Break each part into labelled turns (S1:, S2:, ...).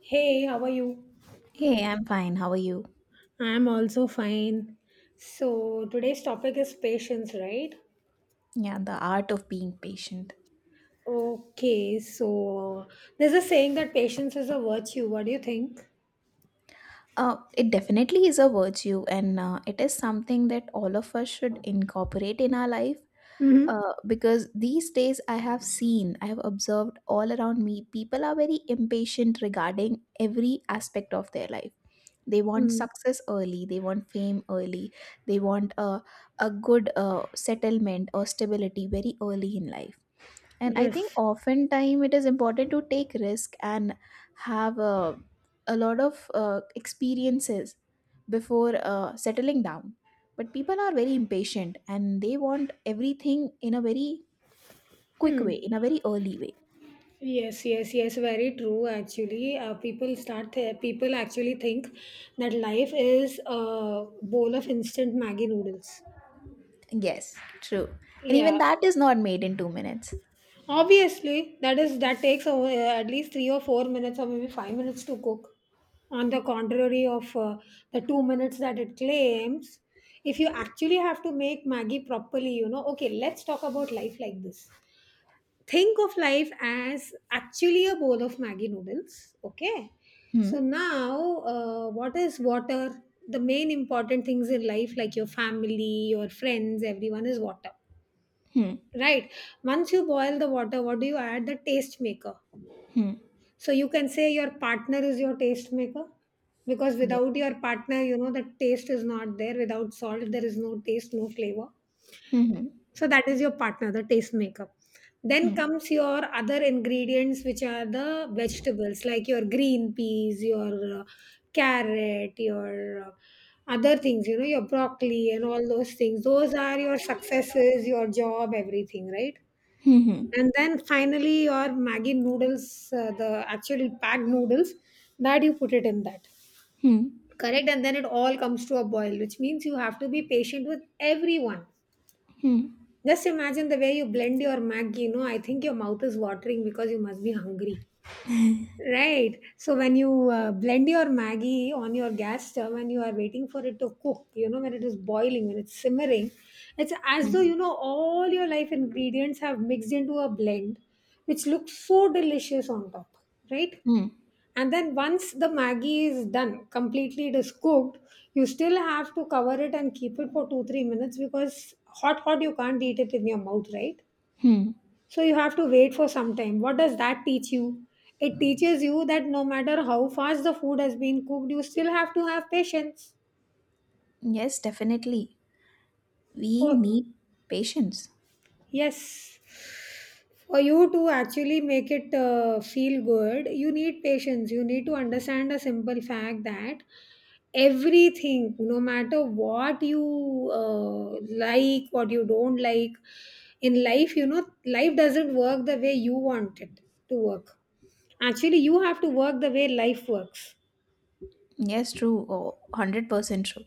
S1: Hey, how are you?
S2: Hey, I'm fine. How are you?
S1: I'm also fine. So, today's topic is patience, right?
S2: Yeah, the art of being patient.
S1: Okay, so there's a saying that patience is a virtue. What do you think?
S2: It definitely is a virtue, and it is something that all of us should incorporate in our life.
S1: Mm-hmm.
S2: Because these days, I have observed all around me, people are very impatient regarding every aspect of their life. They want
S1: Mm.
S2: success early, they want fame early, they want a good settlement or stability very early in life, and I think
S1: Yes.
S2: oftentimes it is important to take risk and have a lot of experiences before settling down. But people are very impatient and they want everything in a very quick
S1: Hmm.
S2: way, in a very early way.
S1: Yes, yes, yes, very true actually. People actually think that life is a bowl of instant Maggie noodles.
S2: Yes, true. And
S1: Yeah,
S2: even that is not made in 2 minutes.
S1: obviously, that takes at least 3 or 4 minutes or maybe 5 minutes to cook. On the contrary of the 2 minutes that it claims, if you actually have to make Maggie properly, okay, let's talk about life like this. Think of life as actually a bowl of Maggie noodles. Okay, so
S2: Hmm.
S1: now what is water? The main important things in life, like your family, your friends, everyone, is water.
S2: Hmm.
S1: Right. Once you boil the water, what do you add? The taste maker.
S2: Hmm.
S1: So you can say your partner is your taste maker, because
S2: Yeah.
S1: without your partner, the taste is not there. Without salt, there is no taste, no flavor.
S2: Hmm.
S1: So that is your partner, the taste maker. Then
S2: Hmm.
S1: comes your other ingredients, which are the vegetables, like your green peas, your carrot, your other things, your broccoli and all those things. Those are your successes, your job, everything, right?
S2: Hmm.
S1: And then finally your maggi noodles, the actual packed noodles that you put it in that.
S2: Hmm. Hmm.
S1: Correct. And then it all comes to a boil, which means you have to be patient with everyone.
S2: Hmm. Hmm.
S1: Just imagine the way you blend your maggi. I think your mouth is watering because you must be hungry. Right. So when you blend your Maggie on your gas stove and you are waiting for it to cook, when it is boiling, when it's simmering, it's as though,
S2: Hmm.
S1: all your life ingredients have mixed into a blend, which looks so delicious on top, right?
S2: Hmm.
S1: And then once the Maggie is done, completely it is cooked, you still have to cover it and keep it for 2, 3 minutes, because hot, hot, you can't eat it in your mouth, right?
S2: Hmm.
S1: So you have to wait for some time. What does that teach you? It teaches you that no matter how fast the food has been cooked, you still have to have patience.
S2: Yes, definitely, we
S1: For
S2: need patience.
S1: Yes. For you to actually make it, feel good, you need patience. You need to understand a simple fact that everything, no matter what you like, what you don't like in life. Life doesn't work the way you want it to work. Actually, you have to work the way life works.
S2: Yes, true. Oh, 100% true.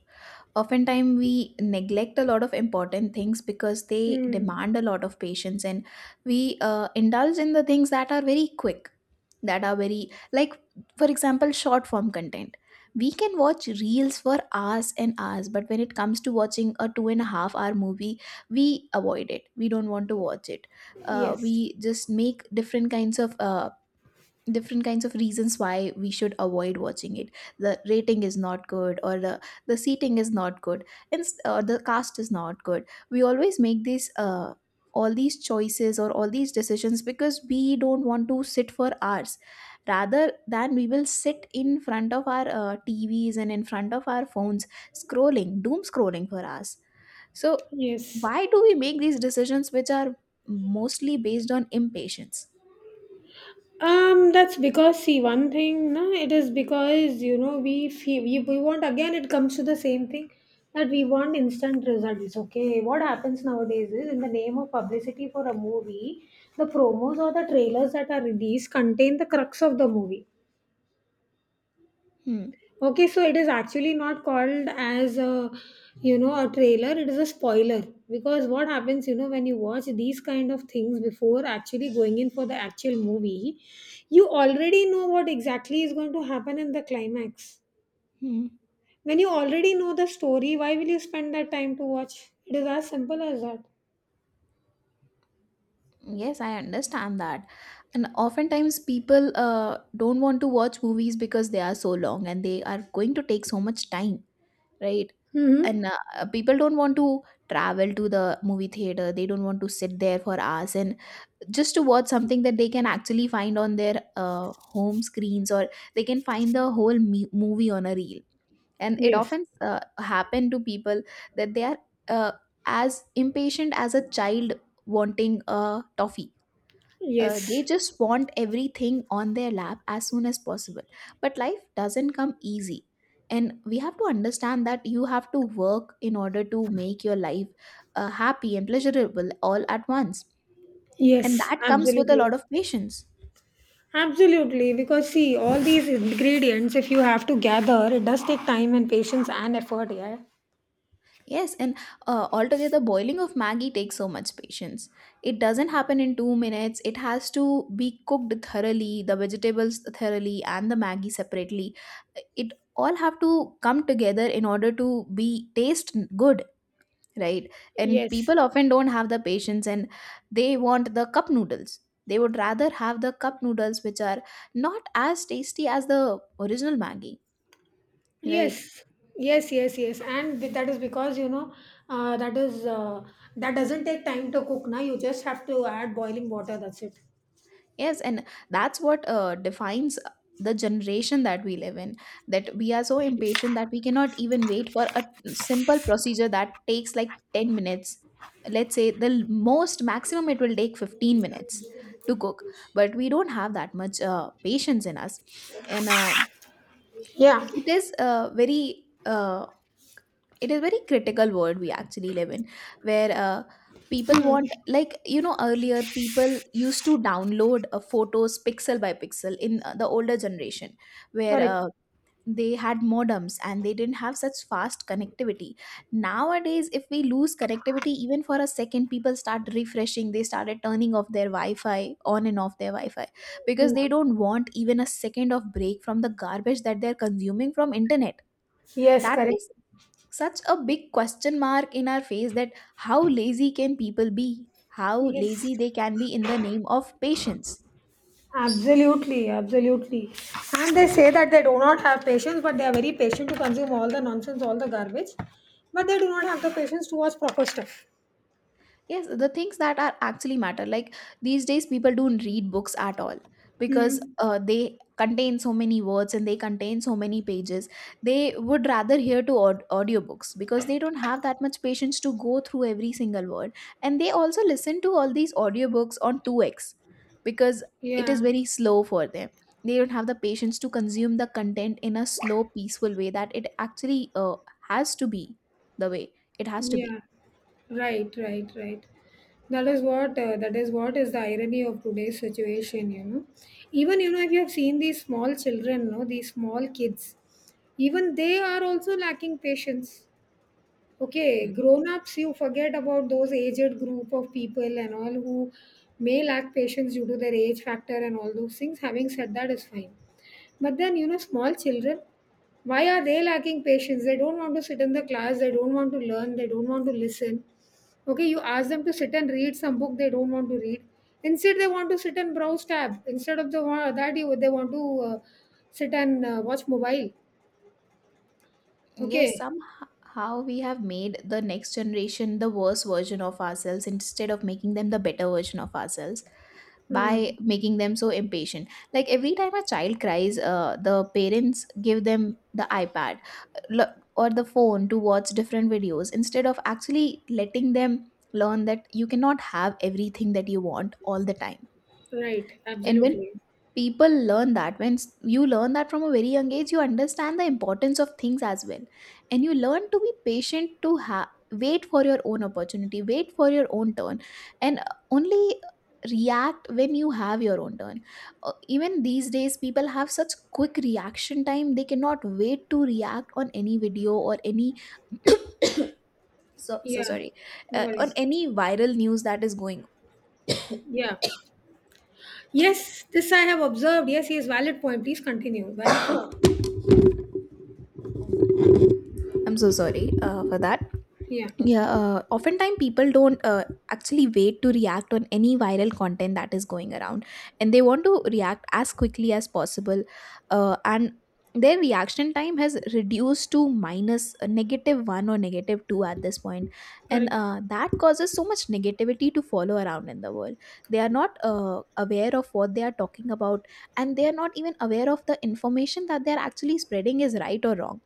S2: Oftentimes, we neglect a lot of important things because they
S1: Mm.
S2: demand a lot of patience, and we indulge in the things that are very quick, that are very, like, for example, short form content. We can watch reels for hours and hours, but when it comes to watching a two and a half hour movie, we avoid it. We don't want to watch it.
S1: Yes.
S2: We just make different kinds of reasons why we should avoid watching it. The rating is not good, or the seating is not good, and or the cast is not good. We always make these choices, or all these decisions, because we don't want to sit for hours. Rather, than we will sit in front of our TVs and in front of our phones, scrolling, doom scrolling for us. So
S1: Yes.
S2: why do we make these decisions, which are mostly based on impatience?
S1: That's because, see, one thing, no, it is because we want. Again, it comes to the same thing, that we want instant results. Okay, what happens nowadays is, in the name of publicity for a movie, the promos or the trailers that are released contain the crux of the movie.
S2: Hmm.
S1: Okay, so it is actually not called as a you know a trailer, it is a spoiler, because what happens, when you watch these kind of things before actually going in for the actual movie, you already know what exactly is going to happen in the climax.
S2: Hmm.
S1: When you already know the story, why will you spend that time to watch? It is as simple as that.
S2: Yes, I understand that. And oftentimes people don't want to watch movies because they are so long and they are going to take so much time, right?
S1: Mm-hmm.
S2: And people don't want to travel to the movie theater. They don't want to sit there for hours, and just to watch something that they can actually find on their home screens, or they can find the whole movie on a reel. And it
S1: Yes.
S2: often happen to people that they are uh, as impatient as a child wanting a toffee. Uh, they
S1: Yes.
S2: just want everything on their lap as soon as possible, but life doesn't come easy, and we have to understand that you have to work in order to make your life happy and pleasurable all at once, and
S1: Yes,
S2: that comes with a
S1: absolutely.
S2: lot of patience.
S1: Absolutely, because see, all these ingredients, if you have to gather, it does take time and patience and effort, yeah.
S2: Yes, and altogether, boiling of Maggi takes so much patience. It doesn't happen in 2 minutes. It has to be cooked thoroughly, the vegetables thoroughly, and the Maggi separately. It all have to come together in order to be taste good, right? And
S1: Yes,
S2: people often don't have the patience, and they want the cup noodles. They would rather have the cup noodles, which are not as tasty as the original Maggi,
S1: yes,
S2: right?
S1: yes, yes, yes, and that is because, uh, that is uh, that doesn't take time to cook. Now you just have to add boiling water. That's it.
S2: Yes, and that's what defines the generation that we live in. That we are so impatient that we cannot even wait for a simple procedure that takes like 10 minutes. Let's say the most maximum it will take 15 minutes to cook, but we don't have that much patience in us. And
S1: Yeah,
S2: it is uh, very uh, it is very critical world we actually live in, where people want, like, you know, earlier people used to download photos pixel by pixel in the older generation, where
S1: correct.
S2: they had modems and they didn't have such fast connectivity. Nowadays, if we lose connectivity even for a second, people start refreshing, they started turning off their wi-fi, on and off their wi-fi, because
S1: Yeah.
S2: they don't want even a second of break from the garbage that they're consuming from internet.
S1: Yes,
S2: That
S1: correct.
S2: is such a big question mark in our face, that how lazy can people be? How
S1: Yes,
S2: lazy they can be in the name of patience?
S1: absolutely, absolutely. And they say that they do not have patience, but they are very patient to consume all the nonsense, all the garbage. But they do not have the patience to watch proper stuff.
S2: Yes, the things that are actually matter. Like, these days, people don't read books at all because
S1: Hmm.
S2: they contain so many words and they contain so many pages. They would rather hear to audiobooks because they don't have that much patience to go through every single word. And they also listen to all these audiobooks on 2x because it is
S1: Yeah.
S2: very slow for them. They don't have the patience to consume the content in a slow, peaceful way that it actually has to be, the way it has to be.
S1: Yeah. Right, right, right. That is what, is the irony of today's situation. Even, if you have seen these small children, no, these small kids, even they are also lacking patience. Okay, grown-ups, you forget about those aged group of people and all, who may lack patience due to their age factor and all those things. Having said that is fine. But then, small children, why are they lacking patience? They don't want to sit in the class, they don't want to learn, they don't want to listen. Okay, you ask them to sit and read some book, they don't want to read. Instead, they want to sit and browse tab. Instead of the one that, you they want to sit and watch mobile.
S2: Yes,
S1: Okay.
S2: somehow we have made the next generation the worse version of ourselves instead of making them the better version of ourselves
S1: Hmm.
S2: by making them so impatient. Like every time a child cries, the parents give them the iPad or the phone to watch different videos instead of actually letting them learn that you cannot have everything that you want all the time.
S1: Right.
S2: And when
S1: Absolutely.
S2: people learn that when s- you learn that from a very young age, you understand the importance of things as well, and you learn to be patient, to wait for your own opportunity, wait for your own turn, and only react when you have your own turn. Even these days people have such quick reaction time, they cannot wait to react on any video or any so
S1: Yeah,
S2: sorry,
S1: no
S2: on
S1: worries.
S2: any viral news that is going.
S1: Yeah. Yes, this I have observed. Yes, yes, valid point. Please continue. Valid point.
S2: I'm so sorry for that.
S1: Yeah,
S2: Yeah, oftentimes people don't actually wait to react on any viral content that is going around, and they want to react as quickly as possible. And their reaction time has reduced to minus, negative one or negative two at this point, and
S1: correct,
S2: that causes so much negativity to follow around in the world. They are not aware of what they are talking about, and they are not even aware of the information that they are actually spreading is right or wrong.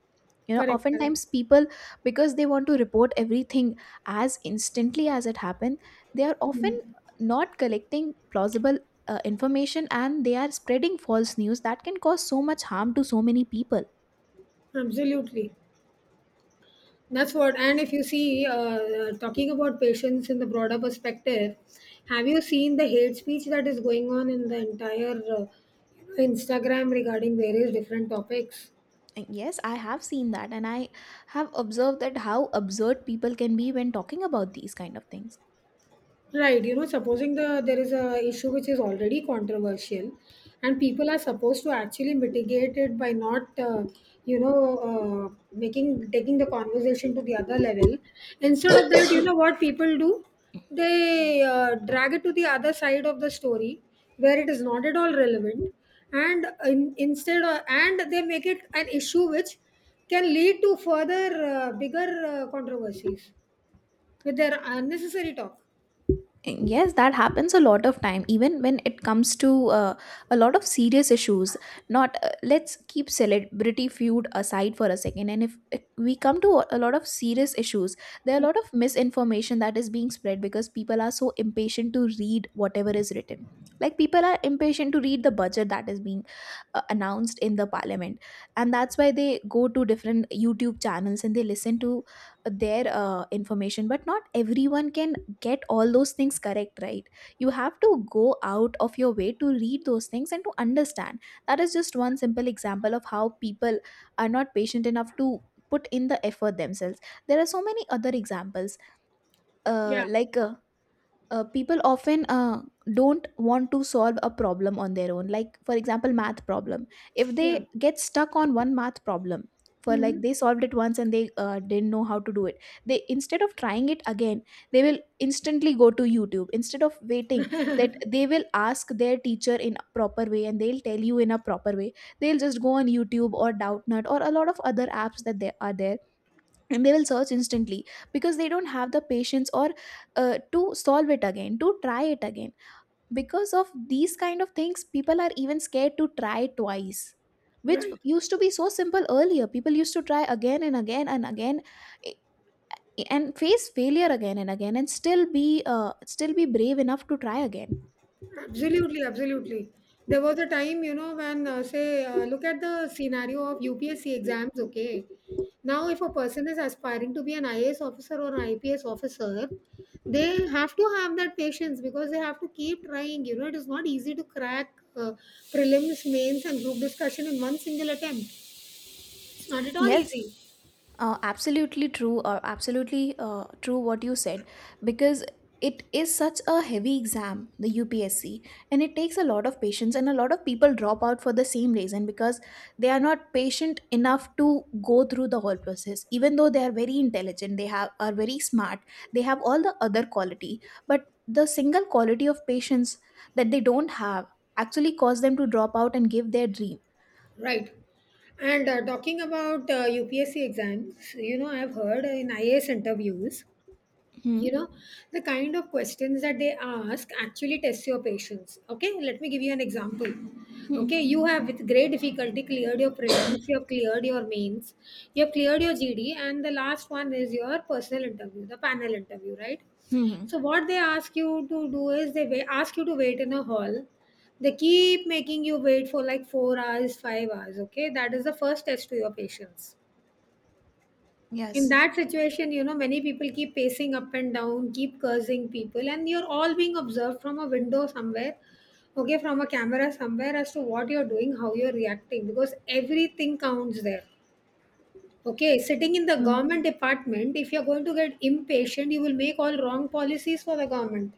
S2: You know,
S1: correct, correct.
S2: oftentimes people, because they want to report everything as instantly as it happened, they are often not collecting plausible information, and they are spreading false news that can cause so much harm to so many people.
S1: Absolutely. That's what. And if you see, talking about patients in the broader perspective, have you seen the hate speech that is going on in the entire Instagram regarding various different topics?
S2: And yes, I have seen that, and I have observed that how absurd people can be when talking about these kind of things.
S1: Right. Supposing there is a issue which is already controversial, and people are supposed to actually mitigate it, by not, you know, making taking the conversation to the other level. Instead of that, you know what people do? They drag it to the other side of the story, where it is not at all relevant, and instead, and they make it an issue which can lead to further bigger controversies with their unnecessary talk.
S2: Yes, that happens a lot of time, even when it comes to a lot of serious issues. Not let's keep celebrity feud aside for a second, and if we come to a lot of serious issues, there are a lot of misinformation that is being spread because people are so impatient to read whatever is written. Like, people are impatient to read the budget that is being announced in the parliament, and that's why they go to different YouTube channels and they listen to their information, but not everyone can get all those things correct, right? You have to go out of your way to read those things and to understand. That is just one simple example of how people are not patient enough to put in the effort themselves. There are so many other examples, uh,
S1: Yeah.
S2: like uh, people often don't want to solve a problem on their own. Like, for example, math problem. If
S1: Yeah.
S2: they get stuck on one math problem, for
S1: Mhm.
S2: like, they solved it once and they didn't know how to do it, they, instead of trying it again, they will instantly go to YouTube. Instead of waiting, that they will ask their teacher in a proper way and they'll tell you in a proper way, they'll just go on YouTube or Doubtnut or a lot of other apps that they are there, and they will search instantly because they don't have the patience, or to solve it again, to try it again. Because of these kind of things, people are even scared to try twice, which used to be so simple. Earlier, people used to try again and again and again, eh, and face failure again and again, and still be still be brave enough to try again.
S1: Absolutely, absolutely. There was a time, look at the scenario of UPSC exams, okay? Now, if a person is aspiring to be an IAS officer or an IPS officer, they have to have that patience, because they have to keep trying. It is not easy to crack, prelims, mains, and group discussion in one single attempt. It's not at all
S2: Yes,
S1: easy.
S2: absolutely true, or absolutely true what you said, because it is such a heavy exam, the UPSC, and it takes a lot of patience, and a lot of people drop out for the same reason because they are not patient enough to go through the whole process. Even though they are very intelligent, they have are very smart, they have all the other quality, but the single quality of patience that they don't have actually cause them to drop out and give their dream.
S1: Right. And talking about UPSC exams, I've heard in IAS interviews,
S2: Hmm.
S1: you know the kind of questions that they ask actually test your patience. Okay, let me give you an example.
S2: Hmm.
S1: Okay, you have with great difficulty cleared your prelims, you have cleared your mains, you have cleared your GD, and the last one is your personal interview, the panel interview, right?
S2: Hmm. Hmm.
S1: So what they ask you to do is, they ask you to wait in a hall. They keep making you wait for like 4 hours, 5 hours. Okay, that is the first test to your patience. In
S2: Yes.
S1: that situation, many people keep pacing up and down, keep cursing people, and you're all being observed from a window somewhere, okay, from a camera somewhere, as to what you're doing, how you're reacting, because everything counts there. Okay, sitting in the
S2: Hmm.
S1: government department, if you're going to get impatient, you will make all wrong policies for the government.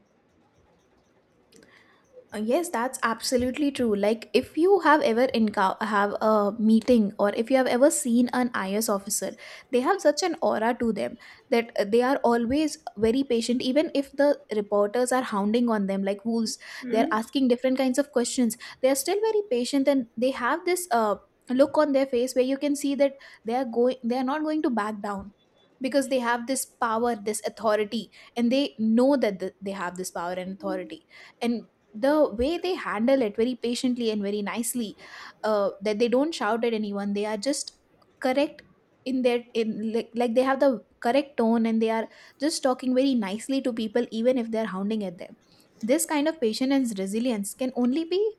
S2: Yes, that's absolutely true. Like, if you have ever encounter have a meeting, or if you have ever seen an IS officer, they have such an aura to them that they are always very patient. Even if the reporters are hounding on them like wolves, they are
S1: Hmm?
S2: asking different kinds of questions. They are still very patient, and they have this look on their face where you can see that they are going. They are not going to back down because they have this power, this authority, and they know that they have this power and authority, and the way they handle it very patiently and very nicely. That they don't shout at anyone, they are just correct in their in like they have the correct tone, and they are just talking very nicely to people even if they're hounding at them. This kind of patience and resilience can only be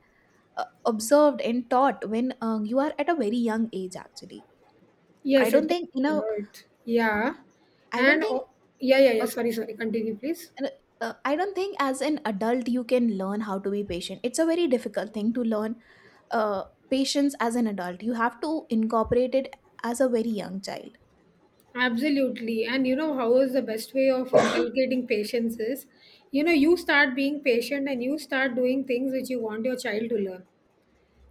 S2: observed and taught when you are at a very young age actually. I
S1: Yes, it
S2: don't
S1: can
S2: think you know
S1: hurt, yeah.
S2: I don't
S1: and
S2: think
S1: Oh, yeah, yeah, yeah.
S2: Okay.
S1: Sorry, sorry, continue please.
S2: uh, I don't think as an adult you can learn how to be patient. It's a very difficult thing to learn. uh, Patience as an adult. You have to incorporate it as a very young child.
S1: Absolutely. And you know how is the best way of inculcating patience is, you start being patient and you start doing things which you want your child to learn.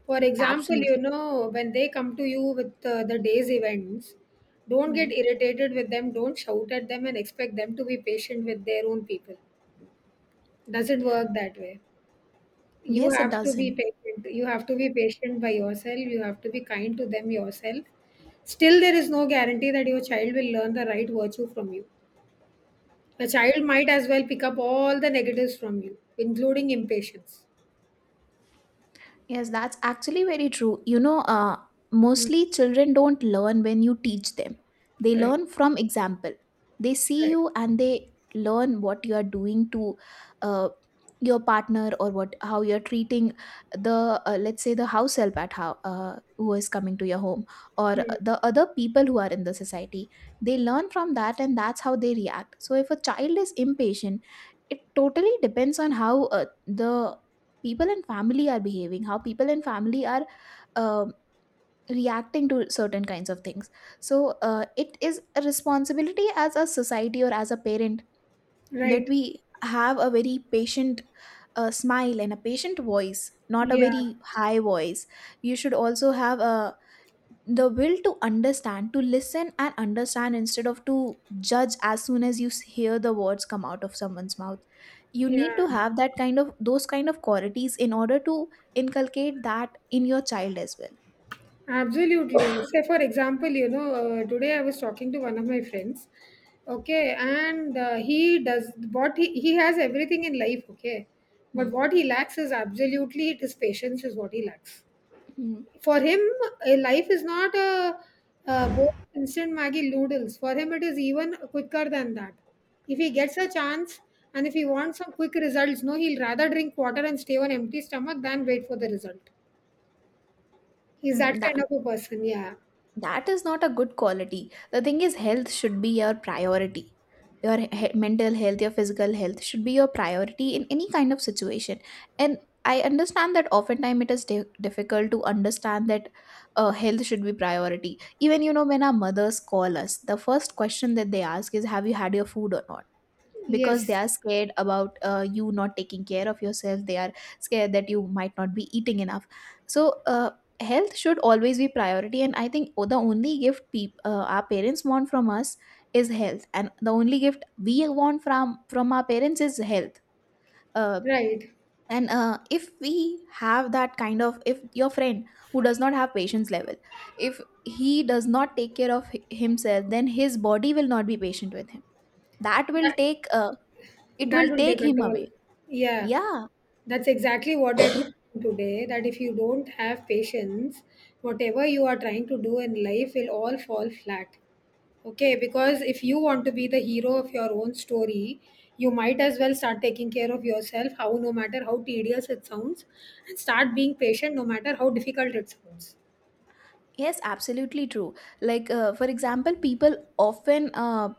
S1: For example,
S2: Absolutely.
S1: when they come to you with the day's events, don't get
S2: Hmm.
S1: irritated with them, don't shout at them, and expect them to be patient with their own people. Doesn't work that way. You
S2: Yes, it
S1: have to
S2: does.
S1: be patient. You have to be patient by yourself. You have to be kind to them yourself. Still, there is no guarantee that your child will learn the right virtue from you. A child might as well pick up all the negatives from you, including impatience.
S2: Yes, that's actually very true. You know,
S1: Mm.
S2: mostly children don't learn when you teach them. They
S1: Right,
S2: learn from example. They see
S1: right.
S2: you and they learn what you are doing to uh, your partner, or what how you're treating the let's say the house help at how who is coming to your home, or
S1: Mm.
S2: the other people who are in the society. They learn from that, and that's how they react. So if a child is impatient, it totally depends on how the people and family are behaving, how people and family are um reacting to certain kinds of things. So it is a responsibility, as a society or as a parent, that
S1: Right.
S2: we have a very patient smile and a patient voice, not a
S1: Yeah,
S2: very high voice. You should also have a the will to understand, to listen and understand, instead of to judge as soon as you hear the words come out of someone's mouth. You need to
S1: yeah.
S2: have that kind of those kind of qualities in order to inculcate that in your child as well.
S1: Absolutely. Say, for example, today I was talking to one of my friends, okay, and he does what he has everything in life, okay, but
S2: Hmm.
S1: what he lacks is absolutely it is patience, is what he lacks.
S2: Hmm.
S1: For him, life is not a bowl of instant Maggie noodles. For him, it is even quicker than that. If he gets a chance, and if he wants some quick results, no, he'll rather drink water and stay on empty stomach than wait for the result. He's
S2: Hmm.
S1: that kind
S2: That
S1: of a person. Yeah.
S2: that is not a good quality. The thing is, health should be your priority. Your mental health, your physical health should be your priority in any kind of situation. And I understand that oftentimes it is difficult to understand that health should be priority. Even, you know, when our mothers call us, the first question that they ask is, have you had your food or not? Because they
S1: Yes.
S2: are scared about you not taking care of yourself. They are scared that you might not be eating enough. So health should always be priority, and I think the only gift our parents want from us is health, and the only gift we want from our parents is health. uh,
S1: Right.
S2: and if we have that kind of if your friend who does not have patience level, if he does not take care of himself, then his body will not be patient with him. That will
S1: That,
S2: take It
S1: That
S2: will
S1: will take
S2: take
S1: a
S2: him
S1: toll.
S2: away.
S1: Yeah,
S2: Yeah.
S1: that's exactly what I told him today. That if you don't have patience, whatever you are trying to do in life will all fall flat. Okay, because if you want to be the hero of your own story, you might as well start taking care of yourself, how no matter how tedious it sounds, and start being patient no matter how difficult it sounds.
S2: Yes, absolutely true. Like, for example, people often,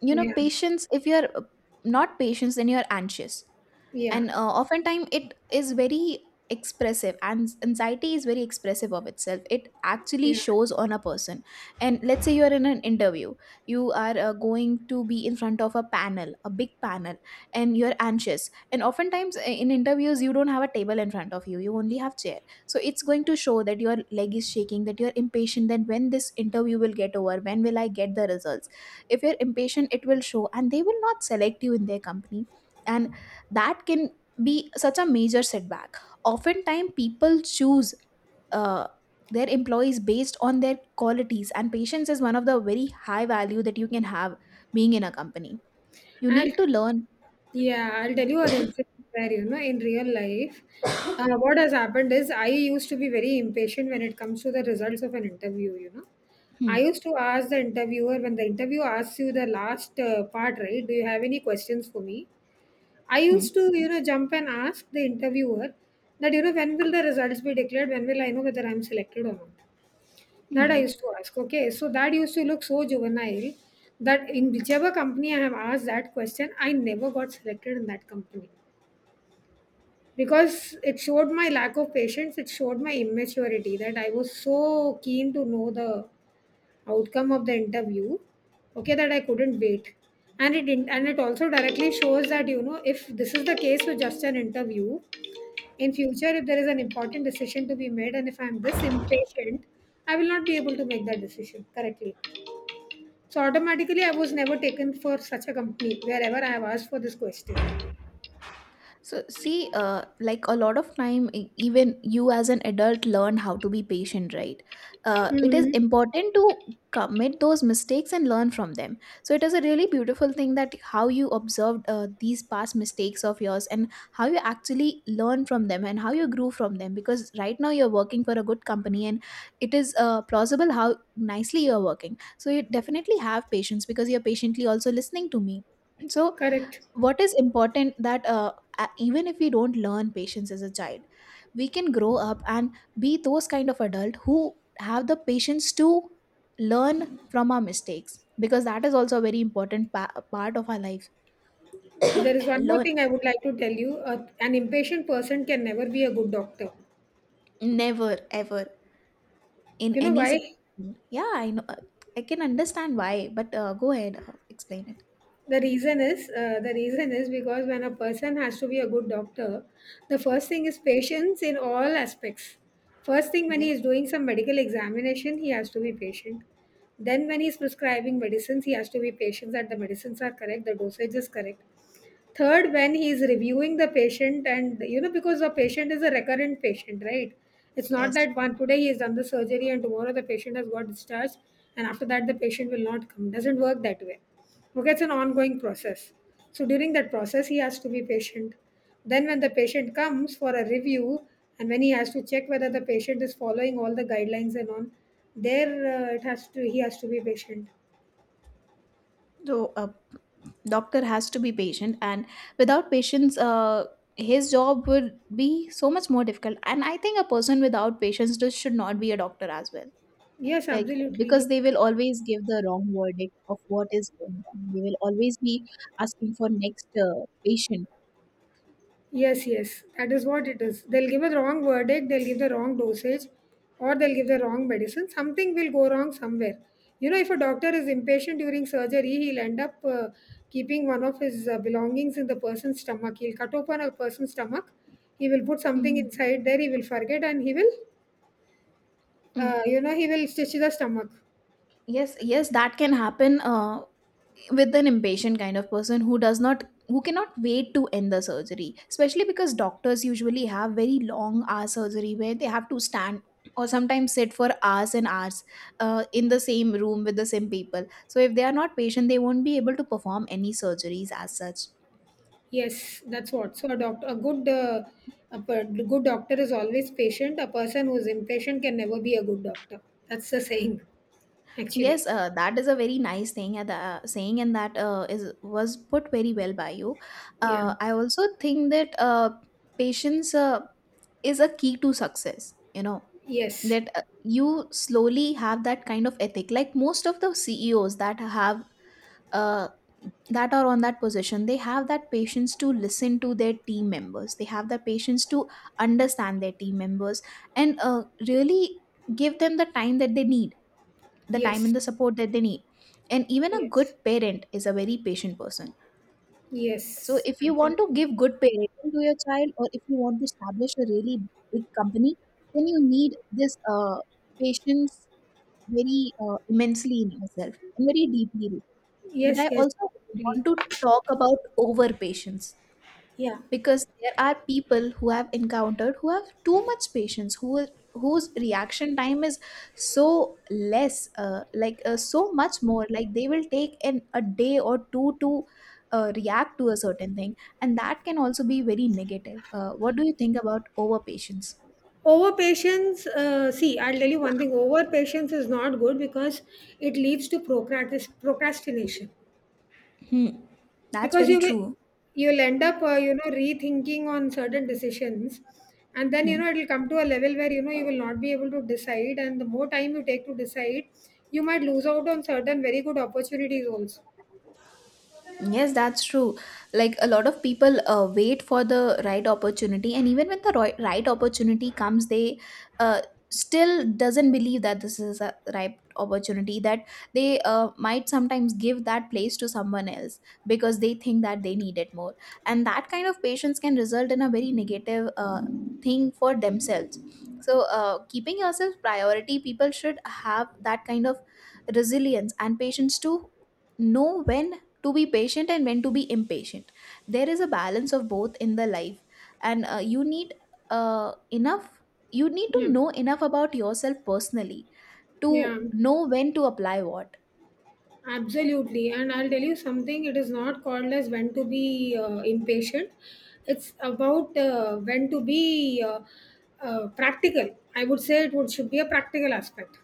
S2: you know,
S1: Yeah,
S2: patience, if you're not patient, then you're anxious,
S1: yeah,
S2: and oftentimes it is very expressive, and anxiety is very expressive of itself. It actually
S1: yeah.
S2: shows on a person. And let's say you are in an interview, you are going to be in front of a panel, a big panel, and you're anxious. And oftentimes, in interviews you don't have a table in front of you, you only have chair, so it's going to show that your leg is shaking, that you're impatient, that when this interview will get over, when will I get the results. If you're impatient, it will show, and they will not select you in their company. And that can be such a major setback. Oftentimes people choose uh, their employees based on their qualities, and patience is one of the very high value that you can have. Being in a company, you
S1: And
S2: need to learn.
S1: yeah, I'll tell you an incident where, you know, in real life, what has happened is I used to be very impatient when it comes to the results of an interview, you know. I
S2: Hmm.
S1: used to ask the interviewer when the interview asks you the last part, right? Do you have any questions for me? I
S2: Hmm.
S1: used to, you know, jump and ask the interviewer that, you know, when will the results be declared? When will I know whether I'm selected or not? That I
S2: Hmm.
S1: used to ask. Okay, so that used to look so juvenile that in whichever company I have asked that question, I never got selected in that company because it showed my lack of patience. It showed my immaturity that I was so keen to know the outcome of the interview. Okay, that I couldn't wait, and it didn't, and it also directly shows that you know if this is the case with just an interview, in future if there is an important decision to be made, and if I'm this impatient, I will not be able to make that decision correctly. So automatically, I was never taken for such a company wherever I have asked for this question.
S2: So, see, like a lot of time, even you as an adult learn how to be patient, right? It is
S1: Hmm.
S2: important to commit those mistakes and learn from them. So, it is a really beautiful thing that how you observed these past mistakes of yours, and how you actually learn from them and how you grew from them. Because right now you're working for a good company, and it is plausible how nicely you're working. So, you definitely have patience because you're patiently also listening to me. So,
S1: Correct.
S2: what is important that even if we don't learn patience as a child, we can grow up and be those kind of adult who have the patience to learn from our mistakes, because that is also a very important part of our life.
S1: There is one more
S2: Learn.
S1: thing I would like to tell you. An impatient person can never be a good doctor.
S2: Never ever, in
S1: You know
S2: any
S1: why?
S2: situation, yeah, I know. I can understand why, but go ahead, explain it.
S1: The reason is because when a person has to be a good doctor, the first thing is patience in all aspects. First thing when he
S2: Yes.
S1: is doing some medical examination, he has to be patient. Then when he is prescribing medicines, he has to be patient that the medicines are correct, the dosage is correct. Third, when he is reviewing the patient, and you know, because the patient is a recurrent patient, right? It's not
S2: Yes.
S1: that one today he has done the surgery and tomorrow the patient has got discharged, and after that the patient will not come. Doesn't work that way. Okay, it's an ongoing process. So during that process, he has to be patient. Then, when the patient comes for a review, and when he has to check whether the patient is following all the guidelines and on, there it has to he has to be patient.
S2: So a doctor has to be patient, and without patience, his job would be so much more difficult. And I think a person without patience just should not be a doctor as well.
S1: Yes,
S2: Like,
S1: absolutely.
S2: because they will always give the wrong verdict of what is going on. They will always be asking for next patient.
S1: Yes, yes, that is what it is. They'll give a wrong verdict, they'll give the wrong dosage, or they'll give the wrong medicine. Something will go wrong somewhere. You know, if a doctor is impatient during surgery, he'll end up keeping one of his belongings in the person's stomach. He'll cut open a person's stomach, he will put something
S2: Mm,
S1: inside there, he will forget, and he will,
S2: mm.
S1: you know, he will stitch the stomach.
S2: Yes, yes, that can happen. With an impatient kind of person, who does not who cannot wait to end the surgery, especially because doctors usually have very long hour surgery where they have to stand or sometimes sit for hours and hours, in the same room with the same people. So if they are not patient, they won't be able to perform any surgeries as such.
S1: Yes, that's what. So a doctor, a good doctor is always patient. A person who is impatient can never be a good doctor. That's the saying. Actually,
S2: Yes, that is a very nice thing, at the, saying, and that is was put very well by you.
S1: yeah,
S2: I also think that, patience, is a key to success, you know,
S1: yes,
S2: that, you slowly have that kind of ethic. Like most of the CEOs uh, that are on that position, they have that patience to listen to their team members, they have the patience to understand their team members, and really give them the time that they need, the time
S1: yes,
S2: and the support that they need. And even a
S1: yes,
S2: good parent is a very patient person. So
S1: yes,
S2: if you want to
S1: absolutely,
S2: give good parenting to your child, or if you want to establish a really big company, then you need this patience very immensely in myself and very deeply rooted. But
S1: yes,
S2: I
S1: yes,
S2: also
S1: absolutely.
S2: want to talk about over patience,
S1: Yeah.
S2: because there are people who have encountered, who have too much patience, whose reaction time is so less, like, so much more. Like they will take an a day or two to react to a certain thing, and that can also be very negative. What do you think about over patience?
S1: Over patience, see, I'll tell you one thing. Over patience is not good because it leads to procrastination.
S2: Hmm. That's
S1: Because
S2: very
S1: you will,
S2: true.
S1: you'll end up, you know, rethinking on certain decisions, and then you
S2: Hmm.
S1: know it'll come to a level where you know you will not be able to decide, and the more time you take to decide, you might lose out on certain very good opportunities also.
S2: Yes, that's true. Like a lot of people wait for the right opportunity, and even when the right opportunity comes, they uh, still doesn't believe that this is a right opportunity. That they might sometimes give that place to someone else, because they think that they need it more, and that kind of patience can result in a very negative thing for themselves. So, keeping yourself priority, people should have that kind of resilience and patience to know when to be patient and when to be impatient. There is a balance of both in the life, and uh, enough you need to
S1: Yeah.
S2: know enough about yourself personally to
S1: Yeah,
S2: know when to apply what.
S1: absolutely. And I'll tell you something, it is not called as when to be impatient. It's about when to be practical. I would say it would, should be a practical aspect.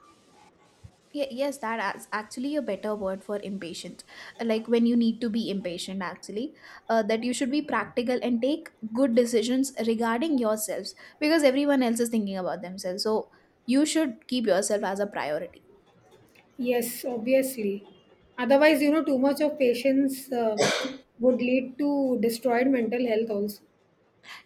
S2: Yes, that is actually a better word for impatient. Like, when you need to be impatient, actually, that you should be practical and take good decisions regarding yourselves, because everyone else is thinking about themselves, so you should keep yourself as a priority.
S1: Yes, obviously. Otherwise, you know, too much of patience would lead to destroyed mental health also.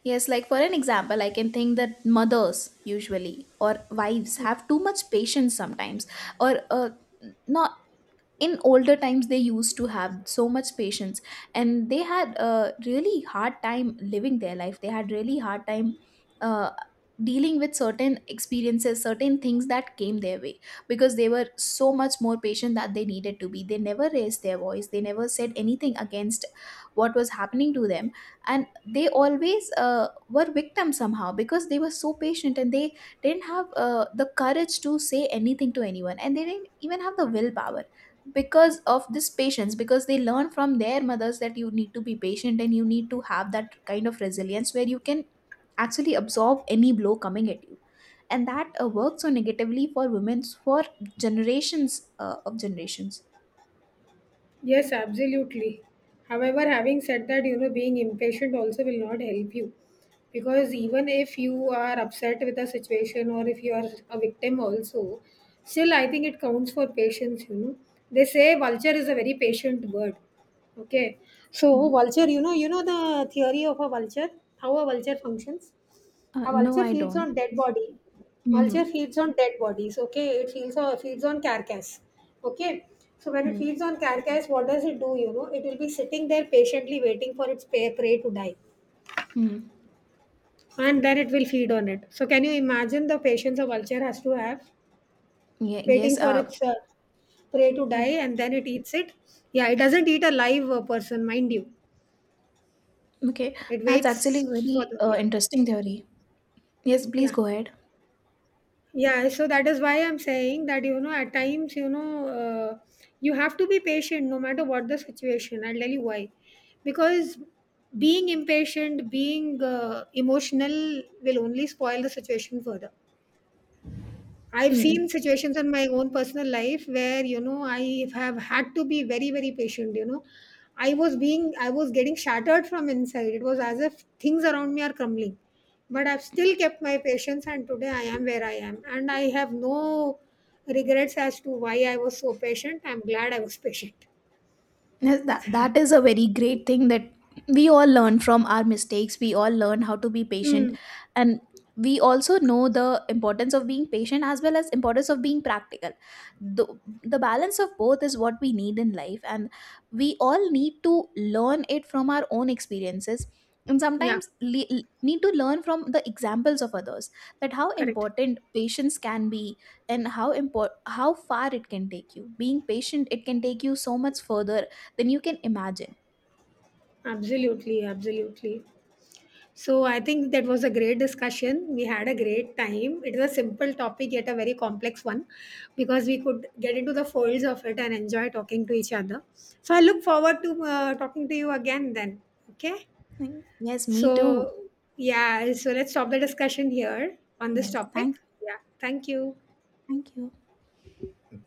S2: Yes, like for an example, I can think that mothers usually, or wives, have too much patience sometimes, or, no, in older times they used to have so much patience, and they had a really hard time living their life. They had really hard time uh, dealing with certain experiences, certain things that came their way, because they were so much more patient that they needed to be. They never raised their voice, they never said anything against what was happening to them, and they always were victims somehow, because they were so patient and they didn't have the courage to say anything to anyone, and they didn't even have the willpower because of this patience, because they learn from their mothers that you need to be patient, and you need to have that kind of resilience where you can actually absorb any blow coming at you. And that works so negatively for women for generations, of generations.
S1: Yes, absolutely. However, having said that, you know, being impatient also will not help you. Because even if you are upset with a situation or if you are a victim also, still I think it counts for patience, you know. They say vulture is a very patient bird. Okay. So vulture,
S2: Mm.
S1: you know the theory of a vulture, how a vulture functions? A
S2: No,
S1: vulture
S2: I
S1: feeds
S2: don't.
S1: on dead body.
S2: Mm-hmm.
S1: Vulture feeds on dead bodies. Okay, it feeds on carcass. Okay, so when it feeds on carcass, what does it do? You know, it will be sitting there patiently waiting for its prey to die,
S2: Hmm.
S1: and then it will feed on it. So can you imagine the patience a vulture has to have
S2: Yeah,
S1: waiting
S2: yes,
S1: for its prey to
S2: it
S1: die, and then it eats it? Yeah, it doesn't eat a live person, mind you.
S2: okay,
S1: It
S2: that's actually
S1: waits for
S2: very
S1: the yeah
S2: interesting theory. Yes, please
S1: yeah.
S2: go ahead.
S1: Yeah, so that is why I'm saying that you know at times you know, you have to be patient no matter what the situation. I'll tell you why. Because being impatient, being emotional will only spoil the situation further. I've seen
S2: Mm.
S1: situations in my own personal life where, you know, I have had to be very, very patient. You know, I was getting shattered from inside. It was as if things around me are crumbling. But I've still kept my patience, and today I am where I am. And I have no regrets as to why I was so patient. I'm glad I was patient.
S2: Yes, that is a very great thing, that we all learn from our mistakes. We all learn how to be patient.
S1: Mm,
S2: And we also know the importance of being patient, as well as importance of being practical. The, the balance of both is what we need in life. And we all need to learn it from our own experiences. And
S1: yeah,
S2: sometimes need to learn from the examples of others, that how
S1: correct.
S2: important patience can be, and how important, how far it can take you, being patient, it can take you so much further then you can imagine.
S1: Absolutely, absolutely. So I think that was a great discussion. We had a great time. It was a simple topic yet a very complex one because we could get into the folds of it and enjoy talking to each other. So I look forward to talking to you again then. Okay.
S2: Like, yes, me too.
S1: So yeah, so let's stop the discussion here on this
S2: Yes,
S1: topic.
S2: thank you.
S1: Yeah. Thank you.
S2: Thank you.